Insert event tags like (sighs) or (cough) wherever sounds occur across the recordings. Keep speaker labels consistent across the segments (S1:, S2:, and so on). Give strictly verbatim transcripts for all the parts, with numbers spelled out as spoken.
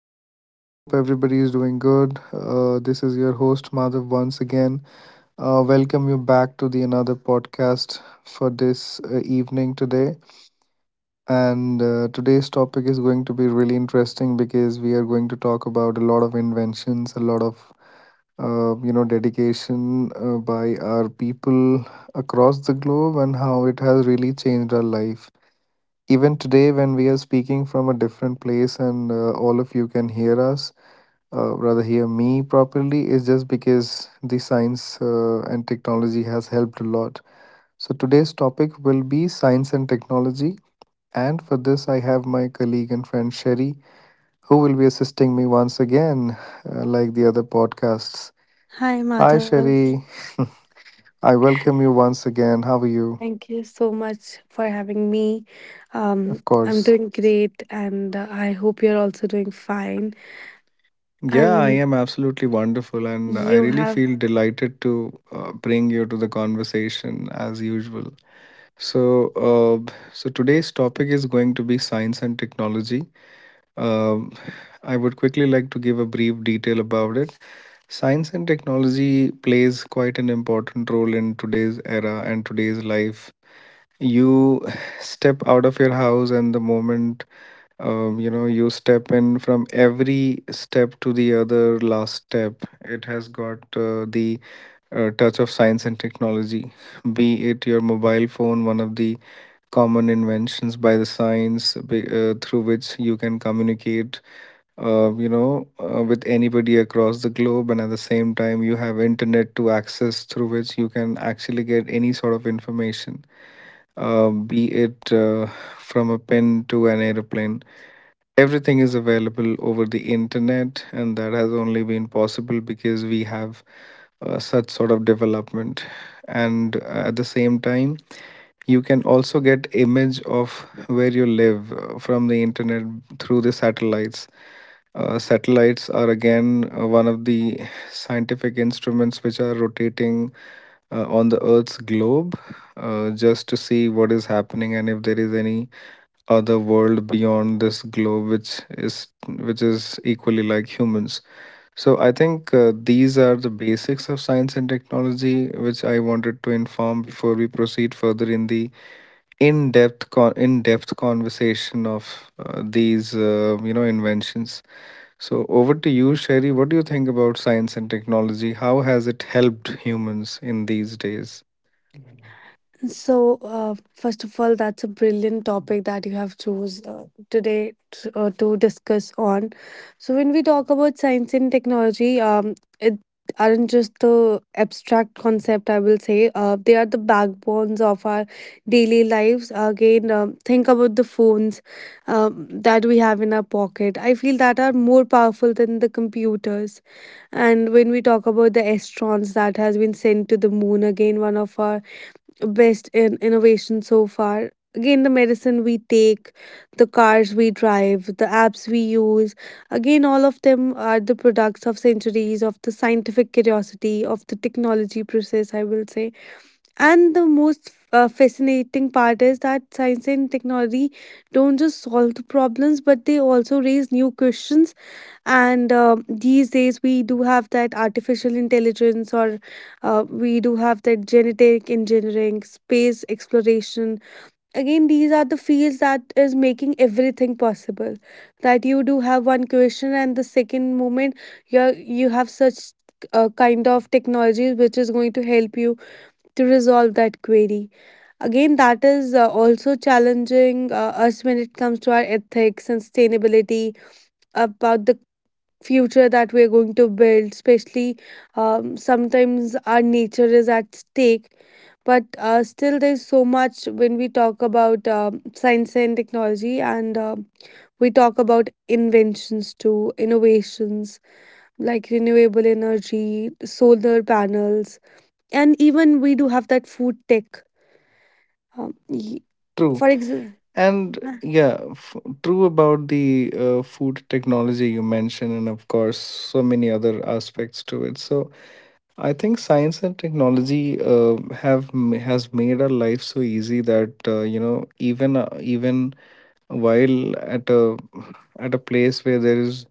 S1: Hi everyone. I hope everybody is doing good. Uh, this is your host Madhav once again. Uh, welcome you back to the another podcast for this uh, evening today. And uh, today's topic is going to be really interesting because we are going to talk about a lot of inventions, a lot of uh, you know dedication uh, by our people across the globe, and how it has really changed our life. Even today, when we are speaking from a different place and uh, all of you can hear us, uh, rather hear me properly is just because the science uh, and technology has helped a lot. So today's topic will be science and technology. And for this, I have my colleague and friend Sherry, who will be assisting me once again, uh, like the other podcasts.
S2: Hi,
S1: Hi,
S2: Madhav.
S1: Sherry. (laughs) I welcome you once again. How are you?
S2: Thank you so much for having me.
S1: Of
S2: Um, I'm
S1: course.
S2: doing great, and uh, I hope you're also doing fine.
S1: Yeah, I
S2: And
S1: am absolutely wonderful, and I
S2: you
S1: really
S2: have
S1: feel delighted to uh, bring you to the conversation as usual. So, uh, so today's topic is going to be science and technology. Um, I would quickly like to give a brief detail about it. Science and technology plays quite an important role in today's era and today's life. You (sighs) step out of your house, and the moment um, you know you step in, from every step to the other last step, it has got uh, the uh, touch of science and technology, be it your mobile phone, one of the common inventions by the science, be- uh, through which you can communicate uh, you know uh, with anybody across the globe. And at the same time, you have internet to access, through which you can actually get any sort of information, uh, be it uh, from a pen to an airplane. Everything is available over the internet, and that has only been possible because we have uh, such sort of development. And uh, at the same time, you can also get image of where you live uh, from the internet, through the satellites. Uh, satellites are again, uh, one of the scientific instruments which are rotating uh, on the earth's globe, uh, just to see what is happening and if there is any other world beyond this globe which is which is equally like humans. So I think, uh, these are the basics of science and technology, which I wanted to inform before we proceed further in the in-depth con- in-depth conversation of uh, these uh, you know inventions. So over to you, Sherry. What do you think about science and technology? How has it helped humans in these days?
S2: So, uh, first of all, that's a brilliant topic that you have chose uh, today to, uh, to discuss on. So, when we talk about science and technology, um, it aren't just the abstract concept. I will say uh, they are the backbones of our daily lives. Again, um, think about the phones um, that we have in our pocket. I feel that are more powerful than the computers. And when we talk about the astrons that has been sent to the moon, again, one of our best in innovation so far. Again, the medicine we take, the cars we drive, the apps we use. Again, all of them are the products of centuries of the scientific curiosity, of the technology process, I will say. And the most uh, fascinating part is that science and technology don't just solve the problems, but they also raise new questions. And uh, these days, we do have that artificial intelligence, or uh, we do have that genetic engineering, space exploration. Again, these are the fields that is making everything possible. That you do have one question, and the second moment, you you have such uh, kind of technologies which is going to help you to resolve that query. Again, that is uh, also challenging uh, us when it comes to our ethics and sustainability about the future that we are going to build, especially um, sometimes our nature is at stake. But uh, still, there's so much when we talk about um science and technology, and um we talk about inventions too, innovations like renewable energy, solar panels, and even we do have that food tech. Um, y-
S1: True.
S2: for example,
S1: And yeah f- true about the uh, food technology you mentioned, and of course so many other aspects to it. So I think science and technology, uh, have m- has made our life so easy that uh, you know even, uh, even while at a at a place where there is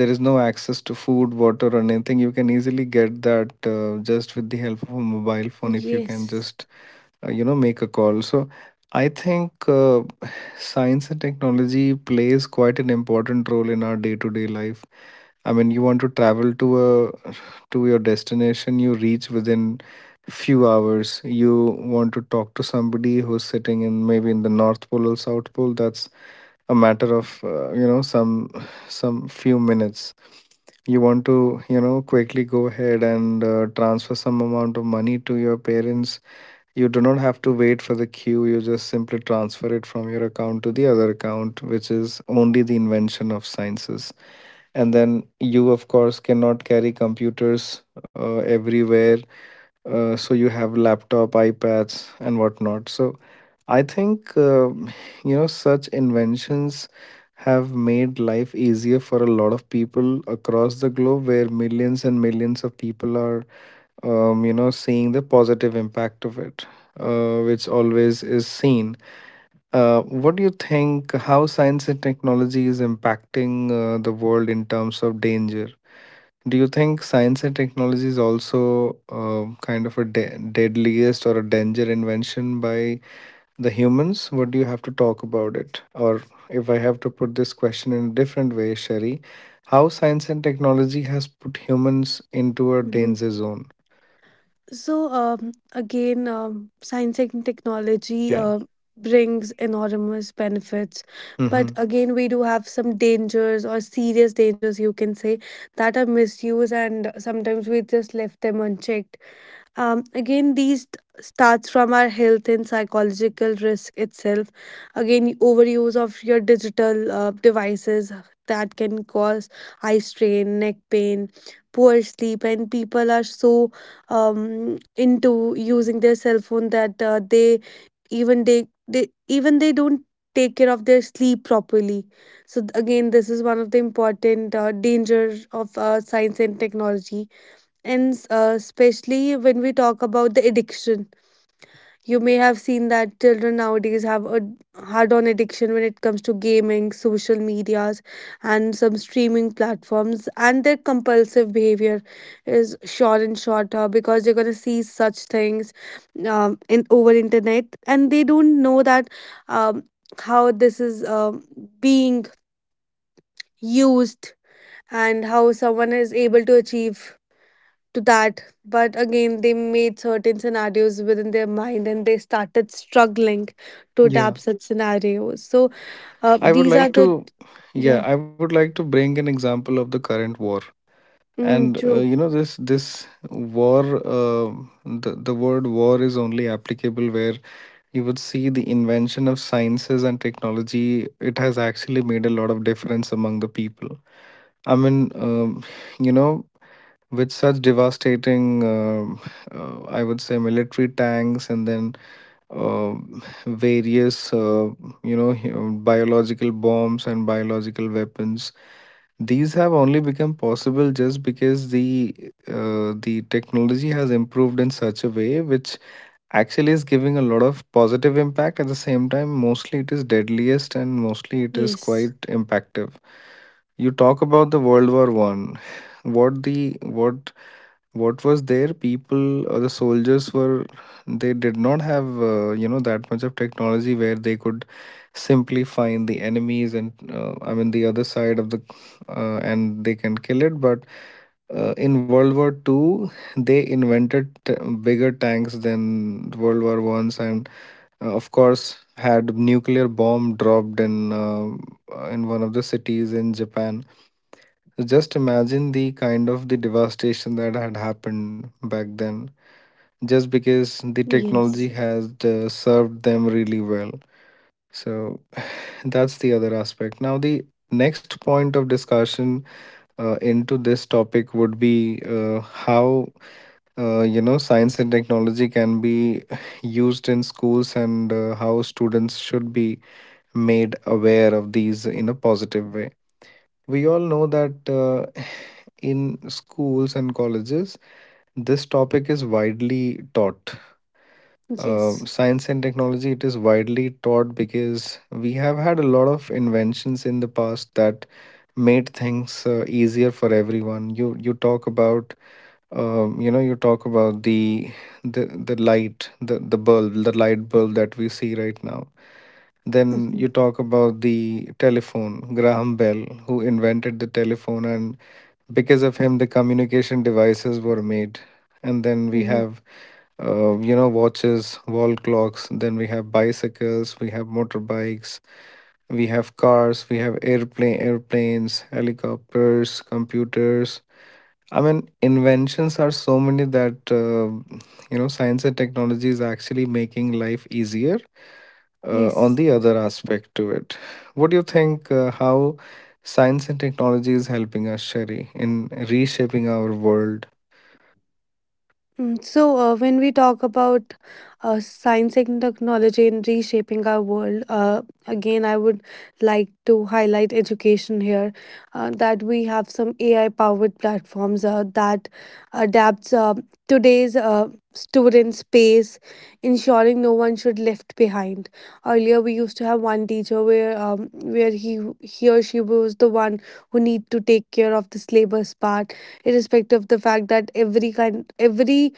S1: there is no access to food, water, or anything, you can easily get that uh, just with the help of a mobile phone, if you can
S2: yes.
S1: just uh, you know make a call. So I think, uh, (sighs) science and technology plays quite an important role in our day-to-day life. I mean, you want to travel to a to your destination, you reach within few hours. You want to talk to somebody who's sitting in, maybe in the North Pole or South Pole. That's a matter of uh, you know some some few minutes. You want to, you know quickly go ahead and uh, transfer some amount of money to your parents. You do not have to wait for the queue. You just simply transfer it from your account to the other account, which is only the invention of sciences. And then you of course cannot carry computers uh, everywhere, uh, so you have laptop, iPads, and whatnot. So I think, uh, you know, such inventions have made life easier for a lot of people across the globe, where millions and millions of people are um, you know, seeing the positive impact of it, uh, which always is seen. Uh, what do you think? How science and technology is impacting uh, the world in terms of danger? Do you think science and technology is also uh, kind of a de- deadliest or a danger invention by the humans? What do you have to talk about it? Or if I have to put this question in a different way, Sherry, how science and technology has put humans into a
S2: Mhm.
S1: danger zone?
S2: So um, again, um, science and technology
S1: Yeah.
S2: uh, brings enormous benefits, but
S1: Mm-hmm.
S2: again, we do have some dangers or serious dangers, you can say, that are misused, and sometimes we just left them unchecked. Um, again, these t- starts from our health and psychological risk itself. Again, overuse of your digital uh, devices that can cause eye strain, neck pain, poor sleep, and people are so um, into using their cell phone that uh, they even they they even they don't take care of their sleep properly. So th- again, this is one of the important uh, danger of uh, science and technology and uh, especially when we talk about the addiction, you may have seen that children nowadays have a hard-on addiction when it comes to gaming, social medias, and some streaming platforms. And their compulsive behavior is short and shorter because you're gonna see such things um, in over internet, and they don't know that um, how this is um being used and how someone is able to achieve to that. But again, they made certain scenarios within their mind and they started struggling to
S1: Yeah.
S2: adapt such scenarios. So, uh,
S1: I would
S2: these are
S1: like
S2: the.
S1: to, yeah,
S2: Yeah.
S1: I would like to bring an example of the current war.
S2: Mm,
S1: And, uh,
S2: true.
S1: you know this this war, uh, the, the word war is only applicable where you would see the invention of sciences and technology. It has actually made a lot of difference among the people. I mean, um, you know with such devastating, um uh, I would say, military tanks, and then um various, uh, you know, hu- biological bombs and biological weapons. These have only become possible just because the uh, the technology has improved in such a way, which actually is giving a lot of positive impact. At the same time, mostly it is deadliest and mostly it is
S2: Yes.
S1: quite impactive. You talk about the World War one. (sighs) what the what what was there, people or the soldiers were, they did not have uh, you know that much of technology where they could simply find the enemies and, uh, I mean the other side of the, uh, and they can kill it. But uh, in World War II, they invented t- bigger tanks than World War one's, and uh, of course had nuclear bomb dropped in, um, uh, in one of the cities in Japan. So, Just imagine the kind of the devastation that had happened back then, just because the technology
S2: Yes.
S1: has uh, served them really well. So (sighs) that's the other aspect. Now, the next point of discussion uh, into this topic would be uh, how uh, you know science and technology can be (sighs) used in schools, and uh, how students should be made aware of these in a positive way. We all know that uh, in schools and colleges, this topic is widely taught. uh,
S2: Yes.
S1: science and technology, it is widely taught because we have had a lot of inventions in the past that made things uh, easier for everyone. You you talk about, um, you know you talk about the the the light the the bulb the light bulb that we see right now. Then
S2: Mhm.
S1: you talk about the telephone, Graham Bell, who invented the telephone, and because of him, the communication devices were made. And then we
S2: Mhm.
S1: have, uh, you know, watches, wall clocks. Then we have bicycles, we have motorbikes, we have cars, we have airplane, airplanes, helicopters, computers. I mean, inventions are so many that uh, you know, science and technology is actually making life easier, uh, on
S2: Yes.
S1: the other aspect to it. What do you think, uh, how science and technology is helping us, Sherry, in reshaping our world?
S2: Mm, So, uh, when we talk about uh, science and technology in reshaping our world, uh, again, I would like to highlight education here. Uh, that we have some A I-powered platforms uh, that adapts uh, today's uh, student space, ensuring no one should left behind. Earlier, we used to have one teacher where um, where he he or she was the one who need to take care of the syllabus part irrespective of the fact that every kind every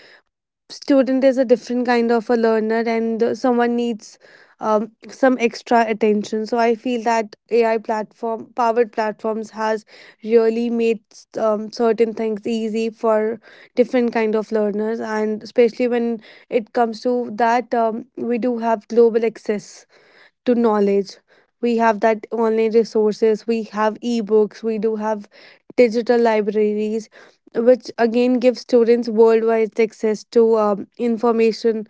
S2: student is a different kind of a learner and uh, someone needs um, some extra attention. So I feel that ai platform powered platforms has really made um, certain things easy for different kind of learners, and especially when it comes to that um, we do have global access to knowledge. We have that online resources, we have ebooks, we do have digital libraries, which again give students worldwide access to um, information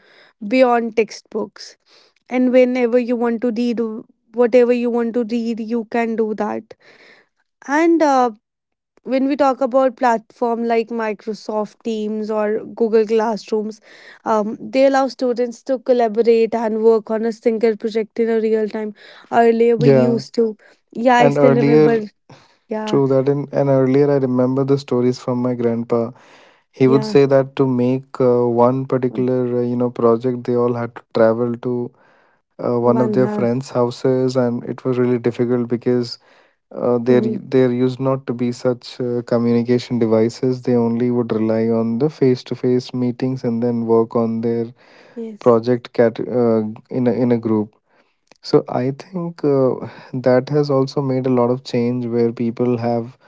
S2: beyond textbooks. And whenever you want to read whatever you want to read, you can do that. And uh, when we talk about platform like Microsoft Teams or Google Classrooms, um, they allow students to collaborate and work on a single project in a real time. Earlier we
S1: Yeah,
S2: used to. Yeah, I
S1: and
S2: still
S1: earlier,
S2: remember. Yeah,
S1: true that, in and earlier I remember the stories from my grandpa. He would
S2: yeah.
S1: say that to make uh, one
S2: One
S1: particular uh, you know project, they all had to travel to uh, one of
S2: one
S1: their
S2: hour.
S1: friends' houses, and it was really difficult because uh, there,
S2: Hmm.
S1: u- there used not to be such uh, communication devices. They only would rely on the face to face meetings and then work on their
S2: Yes.
S1: project cat, uh, in a, in a group. So I think, uh, (sighs) that has also made a lot of change where people have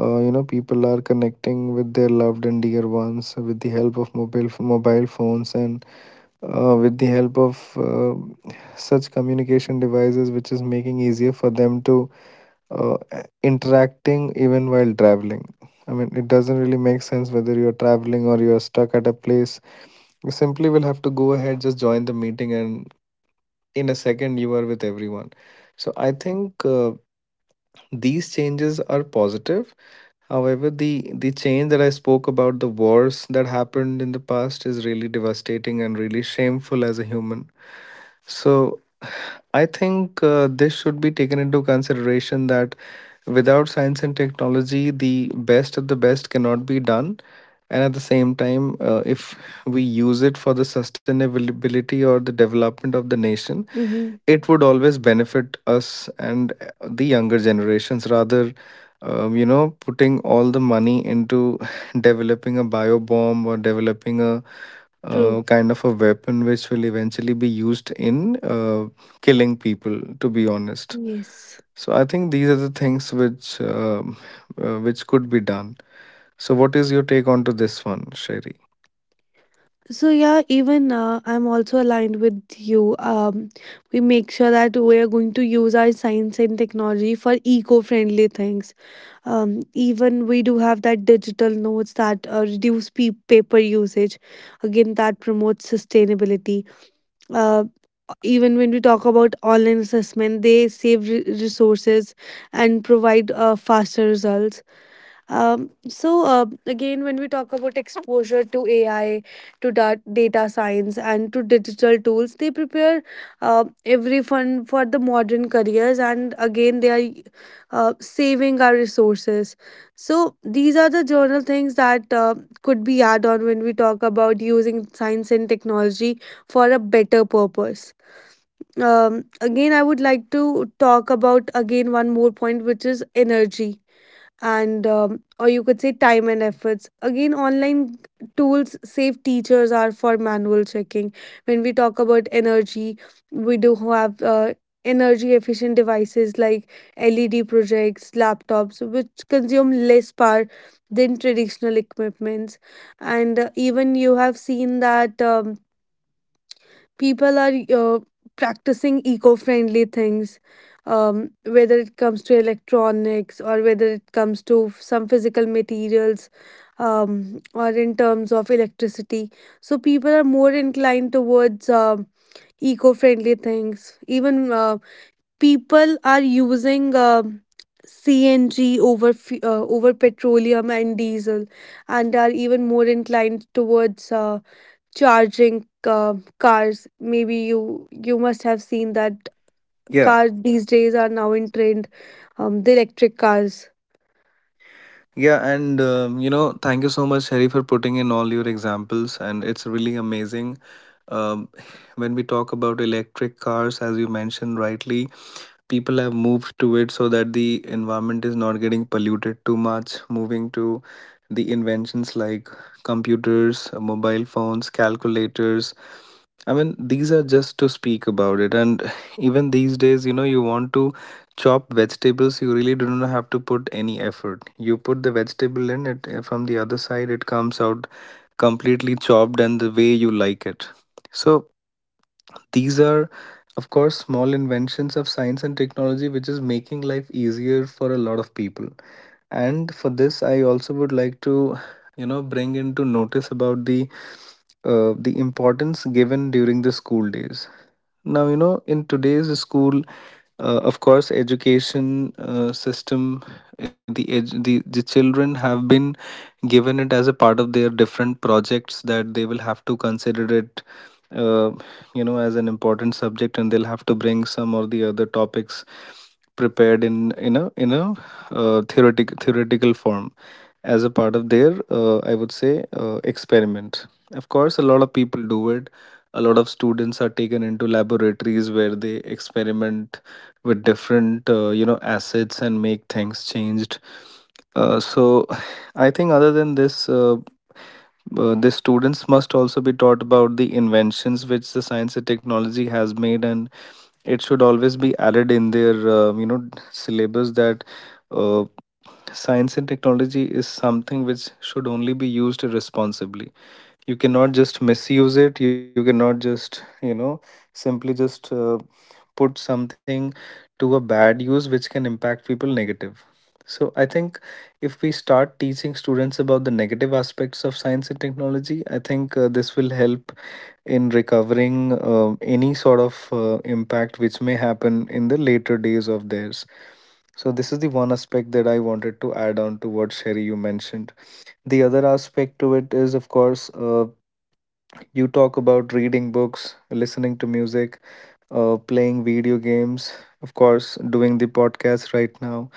S1: uh, you know people are connecting with their loved and dear ones with the help of mobile f- mobile phones, and uh, with the help of uh, such communication devices, which is making easier for them to uh, interacting even while traveling. I mean, it doesn't really make sense whether you're traveling or you're stuck at a place. You simply will have to go ahead, just join the meeting, and in a second, you are with everyone. So I think, uh, these changes are positive. However, the the change that I spoke about, the wars that happened in the past, is really devastating and really shameful as a human. So I think, uh, this should be taken into consideration that without science and technology, the best of the best cannot be done. And at the same time, uh, if we use it for the sustainability or the development of the nation,
S2: Mm-hmm.
S1: it would always benefit us and uh, the younger generations rather um, you know putting all the money into (laughs) developing a biobomb or developing a uh,
S2: True.
S1: kind of a weapon which will eventually be used in uh, killing people, to be honest.
S2: Yes.
S1: So I think these are the things which um, uh, which could be done. So what is your take on to this one, Sherry?
S2: So yeah, even uh, I'm also aligned with you. um, we make sure that we are going to use our science and technology for eco-friendly things. Um, even we do have that digital notes that uh, reduce pe- paper usage. Again, that promotes sustainability. Uh, even when we talk about online assessment, they save re- resources and provide uh, faster results. Um, so uh, again, when we talk about exposure to A I, to da- data science, and to digital tools, they prepare uh, every fund for the modern careers, and again, they are uh, saving our resources. So these are the general things that uh, could be add on when we talk about using science and technology for a better purpose. Um, again, I would like to talk about again one more point, which is energy and um, or you could say time and efforts. Again online tools save teachers are for manual checking. When we talk about energy, we do have uh, energy efficient devices like led projects laptops which consume less power than traditional equipments. And uh, even you have seen that um, people are uh, practicing eco-friendly things, um, whether it comes to electronics or whether it comes to f- some physical materials, um, or in terms of electricity. So people are more inclined towards um eco-friendly things. Even uh, people are using um C N G over f- uh, over petroleum and diesel, and are even more inclined towards uh, charging uh, cars. Maybe you you must have seen that
S1: Yeah.
S2: cars these days are now in trend, um, the electric cars.
S1: Yeah, and um, you know, thank you so much, Harry, for putting in all your examples, and it's really amazing. Um, (sighs) when we talk about electric cars, as you mentioned rightly, people have moved to it so that the environment is not getting polluted too much. Moving to the inventions like computers, mobile phones, calculators, I mean, these are just to speak about it. And (sighs) even these days, you know, you want to chop vegetables, you really do not have to put any effort. You put the vegetable in it, uh, from the other side, it comes out completely chopped and the way you like it. So these are, of course, small inventions of science and technology, which is making life easier for a lot of people. And for this, I also would like to, you know, bring into notice about the uh, the importance given during the school days now, you know, in today's school, uh, of course, education uh, system, uh, the, edu- the the children have been given it as a part of their different projects that they will have to consider it, uh, you know, as an important subject, and they'll have to bring some or the other topics prepared in in a in a uh, theoretic theoretical form as a part of their, uh, I would say, uh, experiment. Of course, a lot of people do it. A lot of students are taken into laboratories where they experiment with different uh, you know, acids and make things changed. Uh, so (sighs) I think other than this, uh, uh, the students must also be taught about the inventions which the science and technology has made, and it should always be added in their uh, you know, syllabus that uh, science and technology is something which should only be used responsibly. You cannot just misuse it, you cannot just, you know, simply just uh, put something to a bad use which can impact people negative. So I think if we start teaching students about the negative aspects of science and technology, I think uh, this will help in recovering uh, any sort of uh, impact which may happen in the later days of theirs. So this is the one aspect that I wanted to add on to what, Sherry, you mentioned. The other aspect to it is, of course, uh, you talk about reading books, listening to music, uh, playing video games, of course, doing the podcast right now.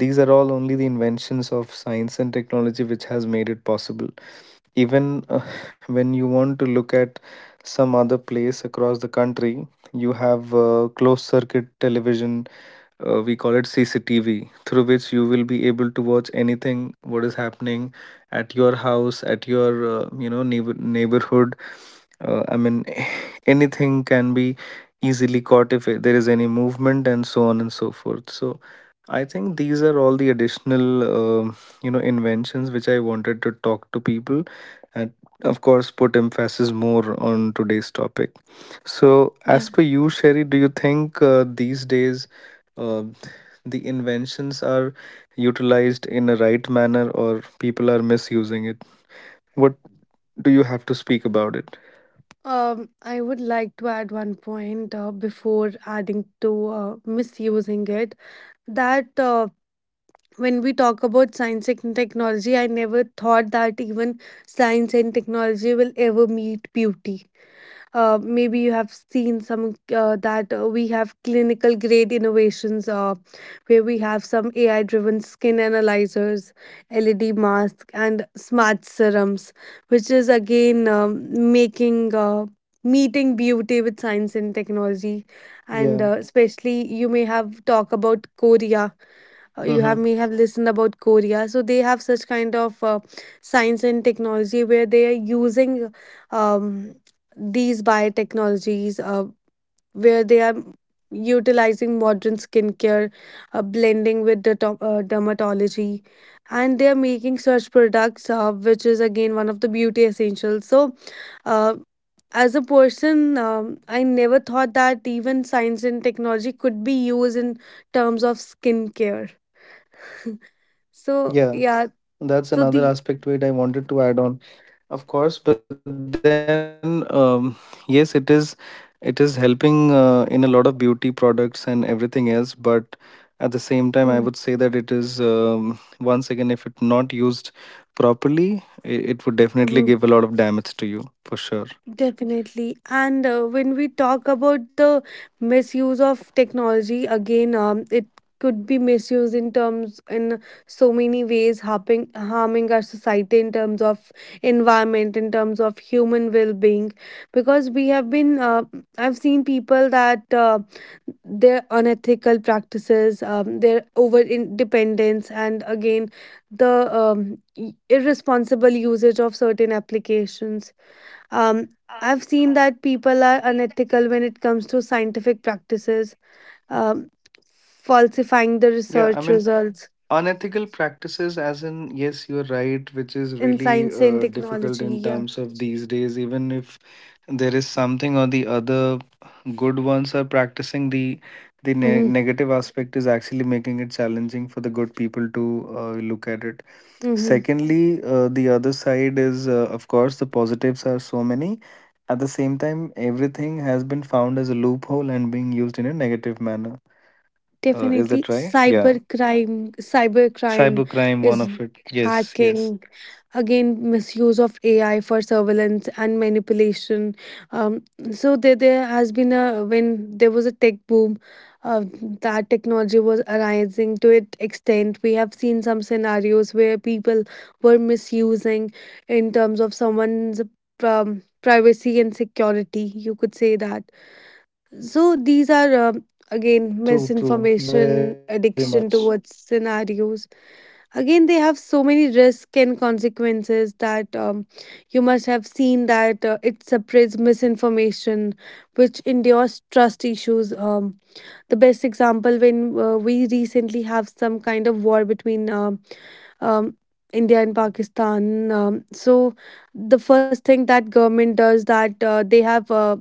S1: These are all only the inventions of science and technology which has made it possible. Even uh, (laughs) when you want to look at some other place across the country, you have uh, closed circuit television, uh, we call it C C T V, through which you will be able to watch anything what is happening at your house, at your uh, you know neighbor- neighborhood. Uh, I mean, (laughs) anything can be easily caught if there is any movement and so on and so forth. So I think these are all the additional um, you know, inventions which I wanted to talk to people and of course put emphasis more on today's topic. So, as
S2: Yeah.
S1: per you, Sherry, do you think uh, these days uh, the inventions are utilized in a right manner or people are misusing it? What do you have to speak about it?
S2: um, I would like to add one point uh, before adding to uh, misusing it. That uh, when we talk about science and technology, I never thought that even science and technology will ever meet beauty. Uh, maybe you have seen some uh, that uh, we have clinical grade innovations uh, where we have some A I driven skin analyzers, L E D masks, and smart serums, which is again um, making uh, meeting beauty with science and technology. And uh,
S1: Yeah.
S2: especially, you may have talk about Korea, uh, you have may
S1: Mm-hmm.
S2: have listened about Korea. So they have such kind of uh, science and technology where they are using um, these biotechnologies, uh, where they are utilizing modern skincare, uh, blending with the to- uh, dermatology, and they are making such products, uh, which is again one of the beauty essentials. So. Uh, as a person, um, I never thought that even science and technology could be used in terms of skincare. So
S1: Yeah.
S2: yeah, so
S1: That's
S2: the
S1: another aspect to it I wanted to add on. Of course, but then um, yes, it is, it is helping uh, in a lot of beauty products and everything else. But at the same time, I would
S2: mm-hmm.
S1: say that it is, um, once again, if it not used properly, it, it would definitely give a lot of damage to you for sure.
S2: Definitely. And uh, when we talk about the misuse of technology, again, um, it could be misused in terms in so many ways, harping, harming our society in terms of environment, in terms of human well-being, because we have been, uh, I've seen people that uh, their unethical practices, um, their over independence, and again, the um, i- irresponsible usage of certain applications, um, I've seen that people are unethical when it comes to scientific practices, um, falsifying the
S1: Yeah, I mean,
S2: research results
S1: unethical practices, as in, yes, you're right, which is
S2: in
S1: really
S2: science and
S1: uh, difficult
S2: technology.
S1: in
S2: Yeah.
S1: terms of these days. Even if there is something or the other, good ones are practicing the the ne-
S2: Mm-hmm.
S1: negative aspect is actually making it challenging for the good people to uh, look at it.
S2: Mm-hmm.
S1: Secondly, uh, the other side is, uh, of course, the positives are so many. At the same time, everything has been found as a loophole and being used in a negative manner. Uh, is
S2: Definitely
S1: that right? Yeah.
S2: cybercrime, cybercrime
S1: Cybercrime,
S2: is
S1: one of it. Yes,
S2: hacking,
S1: yes.
S2: again misuse of A I for surveillance and manipulation. Um, so there, there has been a when there was a tech boom, uh, that technology was arising to its extent. We have seen some scenarios where people were misusing in terms of someone's um, privacy and security. You could say that. So these are um again
S1: True, true, very
S2: misinformation,
S1: much.
S2: addiction towards scenarios. Again, they have so many risks and consequences that um, you must have seen that uh, it spreads misinformation, which endures trust issues. Um, the best example when uh, we recently have some kind of war between um, um, India and Pakistan. Um, so the first thing that government does that uh, they have uh,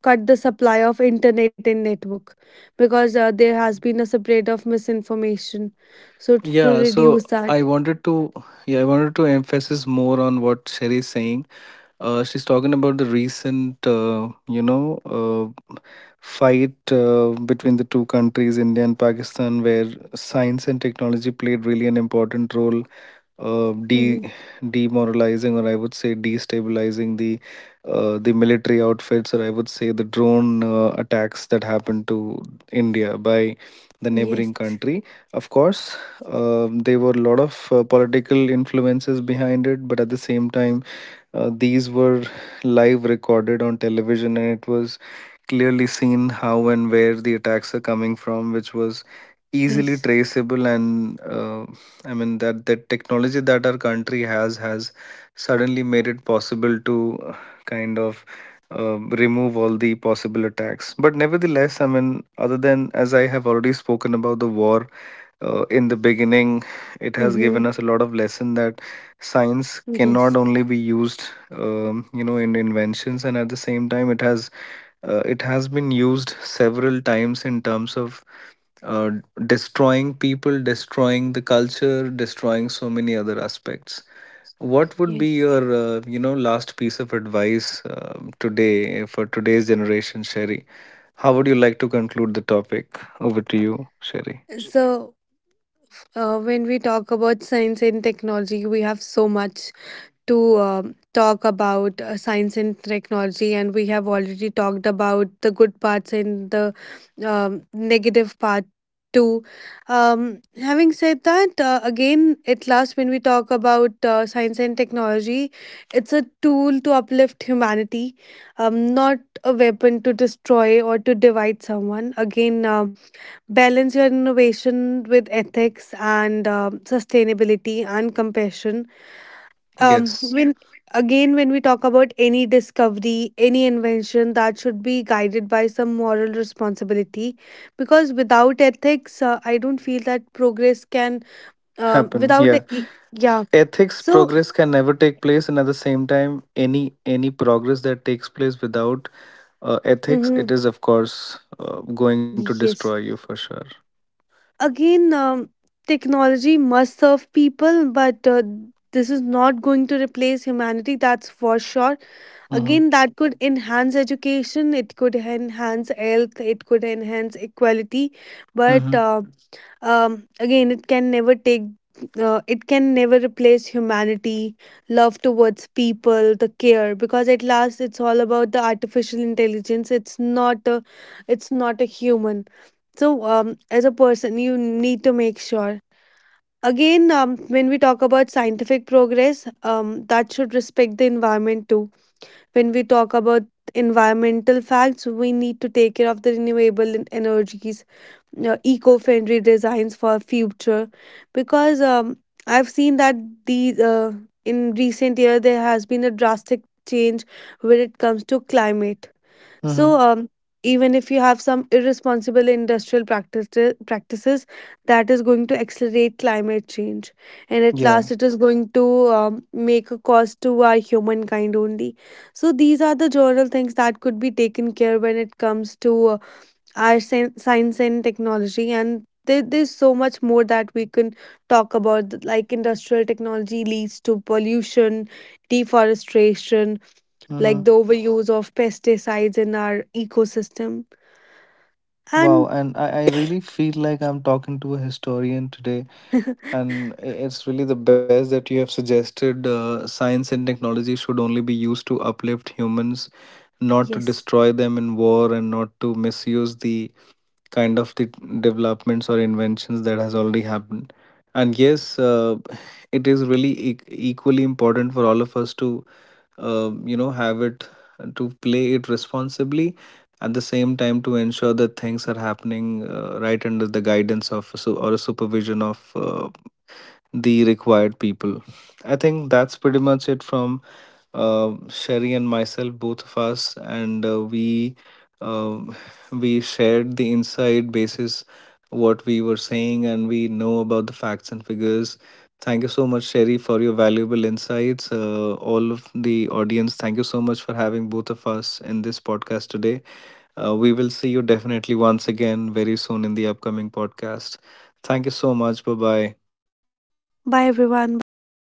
S2: cut the supply of internet and network because uh, there has been a spread of misinformation. So
S1: Yeah,
S2: to
S1: so
S2: reduce
S1: I
S2: that,
S1: wanted to, yeah, I wanted to emphasize more on what Sherry is saying. Uh, she's talking about the recent, uh, you know, uh, fight uh, between the two countries, India and Pakistan, where science and technology played really an important role, uh, de
S2: mhm.
S1: demoralizing, or I would say destabilizing the uh, the military outfits, or I would say the drone uh, attacks that happened to India by the neighboring
S2: Yes.
S1: country. Of course, uh, there were a lot of uh, political influences behind it, but at the same time uh, these were live recorded on television, and it was clearly seen how and where the attacks are coming from, which was easily
S2: Yes.
S1: traceable. And uh, I mean, that that technology that our country has has suddenly made it possible to uh, kind of uh, remove all the possible attacks. But nevertheless, I mean, other than as I have already spoken about the war uh, in the beginning, it has given
S2: Hmm.
S1: us a lot of lesson that science cannot
S2: Yes.
S1: only be used um, you know, in inventions, and at the same time it has, uh, it has been used several times in terms of uh, destroying people, destroying the culture, destroying so many other aspects. What would be
S2: Yes.
S1: your uh, you know, last piece of advice um, today, eh, for today's generation, Sherry? How would you like to conclude the topic? Over to you, Sherry.
S2: So uh, when we talk about science and technology, we have so much to um talk about uh, science and technology, and we have already talked about the good parts and the um, negative part too. Um, having said that, uh, again, at last, when we talk about uh, science and technology, it's a tool to uplift humanity, um, not a weapon to destroy or to divide someone. Again, um, balance your innovation with ethics and um sustainability and compassion. um
S1: Yes.
S2: when, again when we talk about any discovery any invention, that should be guided by some moral responsibility, because without ethics uh, I don't feel that progress can, uh,
S1: Happen,
S2: without (laughs) a,
S1: yeah.
S2: e- yeah
S1: Ethics,
S2: so
S1: progress can never take place, and at the same time, any any progress that takes place without uh, ethics, it
S2: mhm,
S1: is of course uh, going to destroy
S2: yes.
S1: you for sure.
S2: Again um, technology must serve people, but uh, this is not going to replace humanity, that's for sure.
S1: Mm-hmm.
S2: Again that could enhance education, it could enhance health, it could enhance equality,
S1: Mm-hmm.
S2: but uh, um, again it can never take, uh, it can never replace humanity, love towards people, the care, because at last it's all about the artificial intelligence, it's not a, it's not a human. So, um, as a person, you need to make sure. Again, um, when we talk about scientific progress, um, that should respect the environment too. When we talk about environmental facts, we need to take care of the renewable en- energies, uh, eco-friendly designs for future, because um, I've seen that these uh, in recent year there has been a drastic change when it comes to climate.
S1: Mm-hmm.
S2: So, um, even if you have some irresponsible industrial practices, practices, that is going to accelerate climate change, and at
S1: Yeah.
S2: last, it is going to um, make a cost to our humankind only. So, these are the general things that could be taken care when it comes to uh, our sen- science and technology, and there, there's so much more that we can talk about, like industrial technology leads to pollution, deforestation, like
S1: Mm-hmm.
S2: the overuse of pesticides in our ecosystem.
S1: Wow,
S2: And
S1: and I, I really feel like I'm talking to a historian today, and i- it's really the best that you have suggested. Uh, science and technology should only be used to uplift humans, not to
S2: yes,
S1: destroy them in war, and not to misuse the kind of the developments or inventions that has already happened. And yes, uh, it is really e- equally important for all of us to uh, you know, have it, to play it responsibly, at the same time to ensure that things are happening uh, right under the guidance of a su- or a supervision of uh, the required people. I think that's pretty much it from uh, Sherry and myself, both of us, and uh, we um we shared the inside basis what we were saying, and we know about the facts and figures. Thank you so much, Sherry, for your valuable insights. Uh, all of the audience, thank you so much for having both of us in this podcast today. Uh, we will see you definitely once again very soon in the upcoming podcast. Thank you so much. Bye bye.
S2: bye everyone, bye Madhav.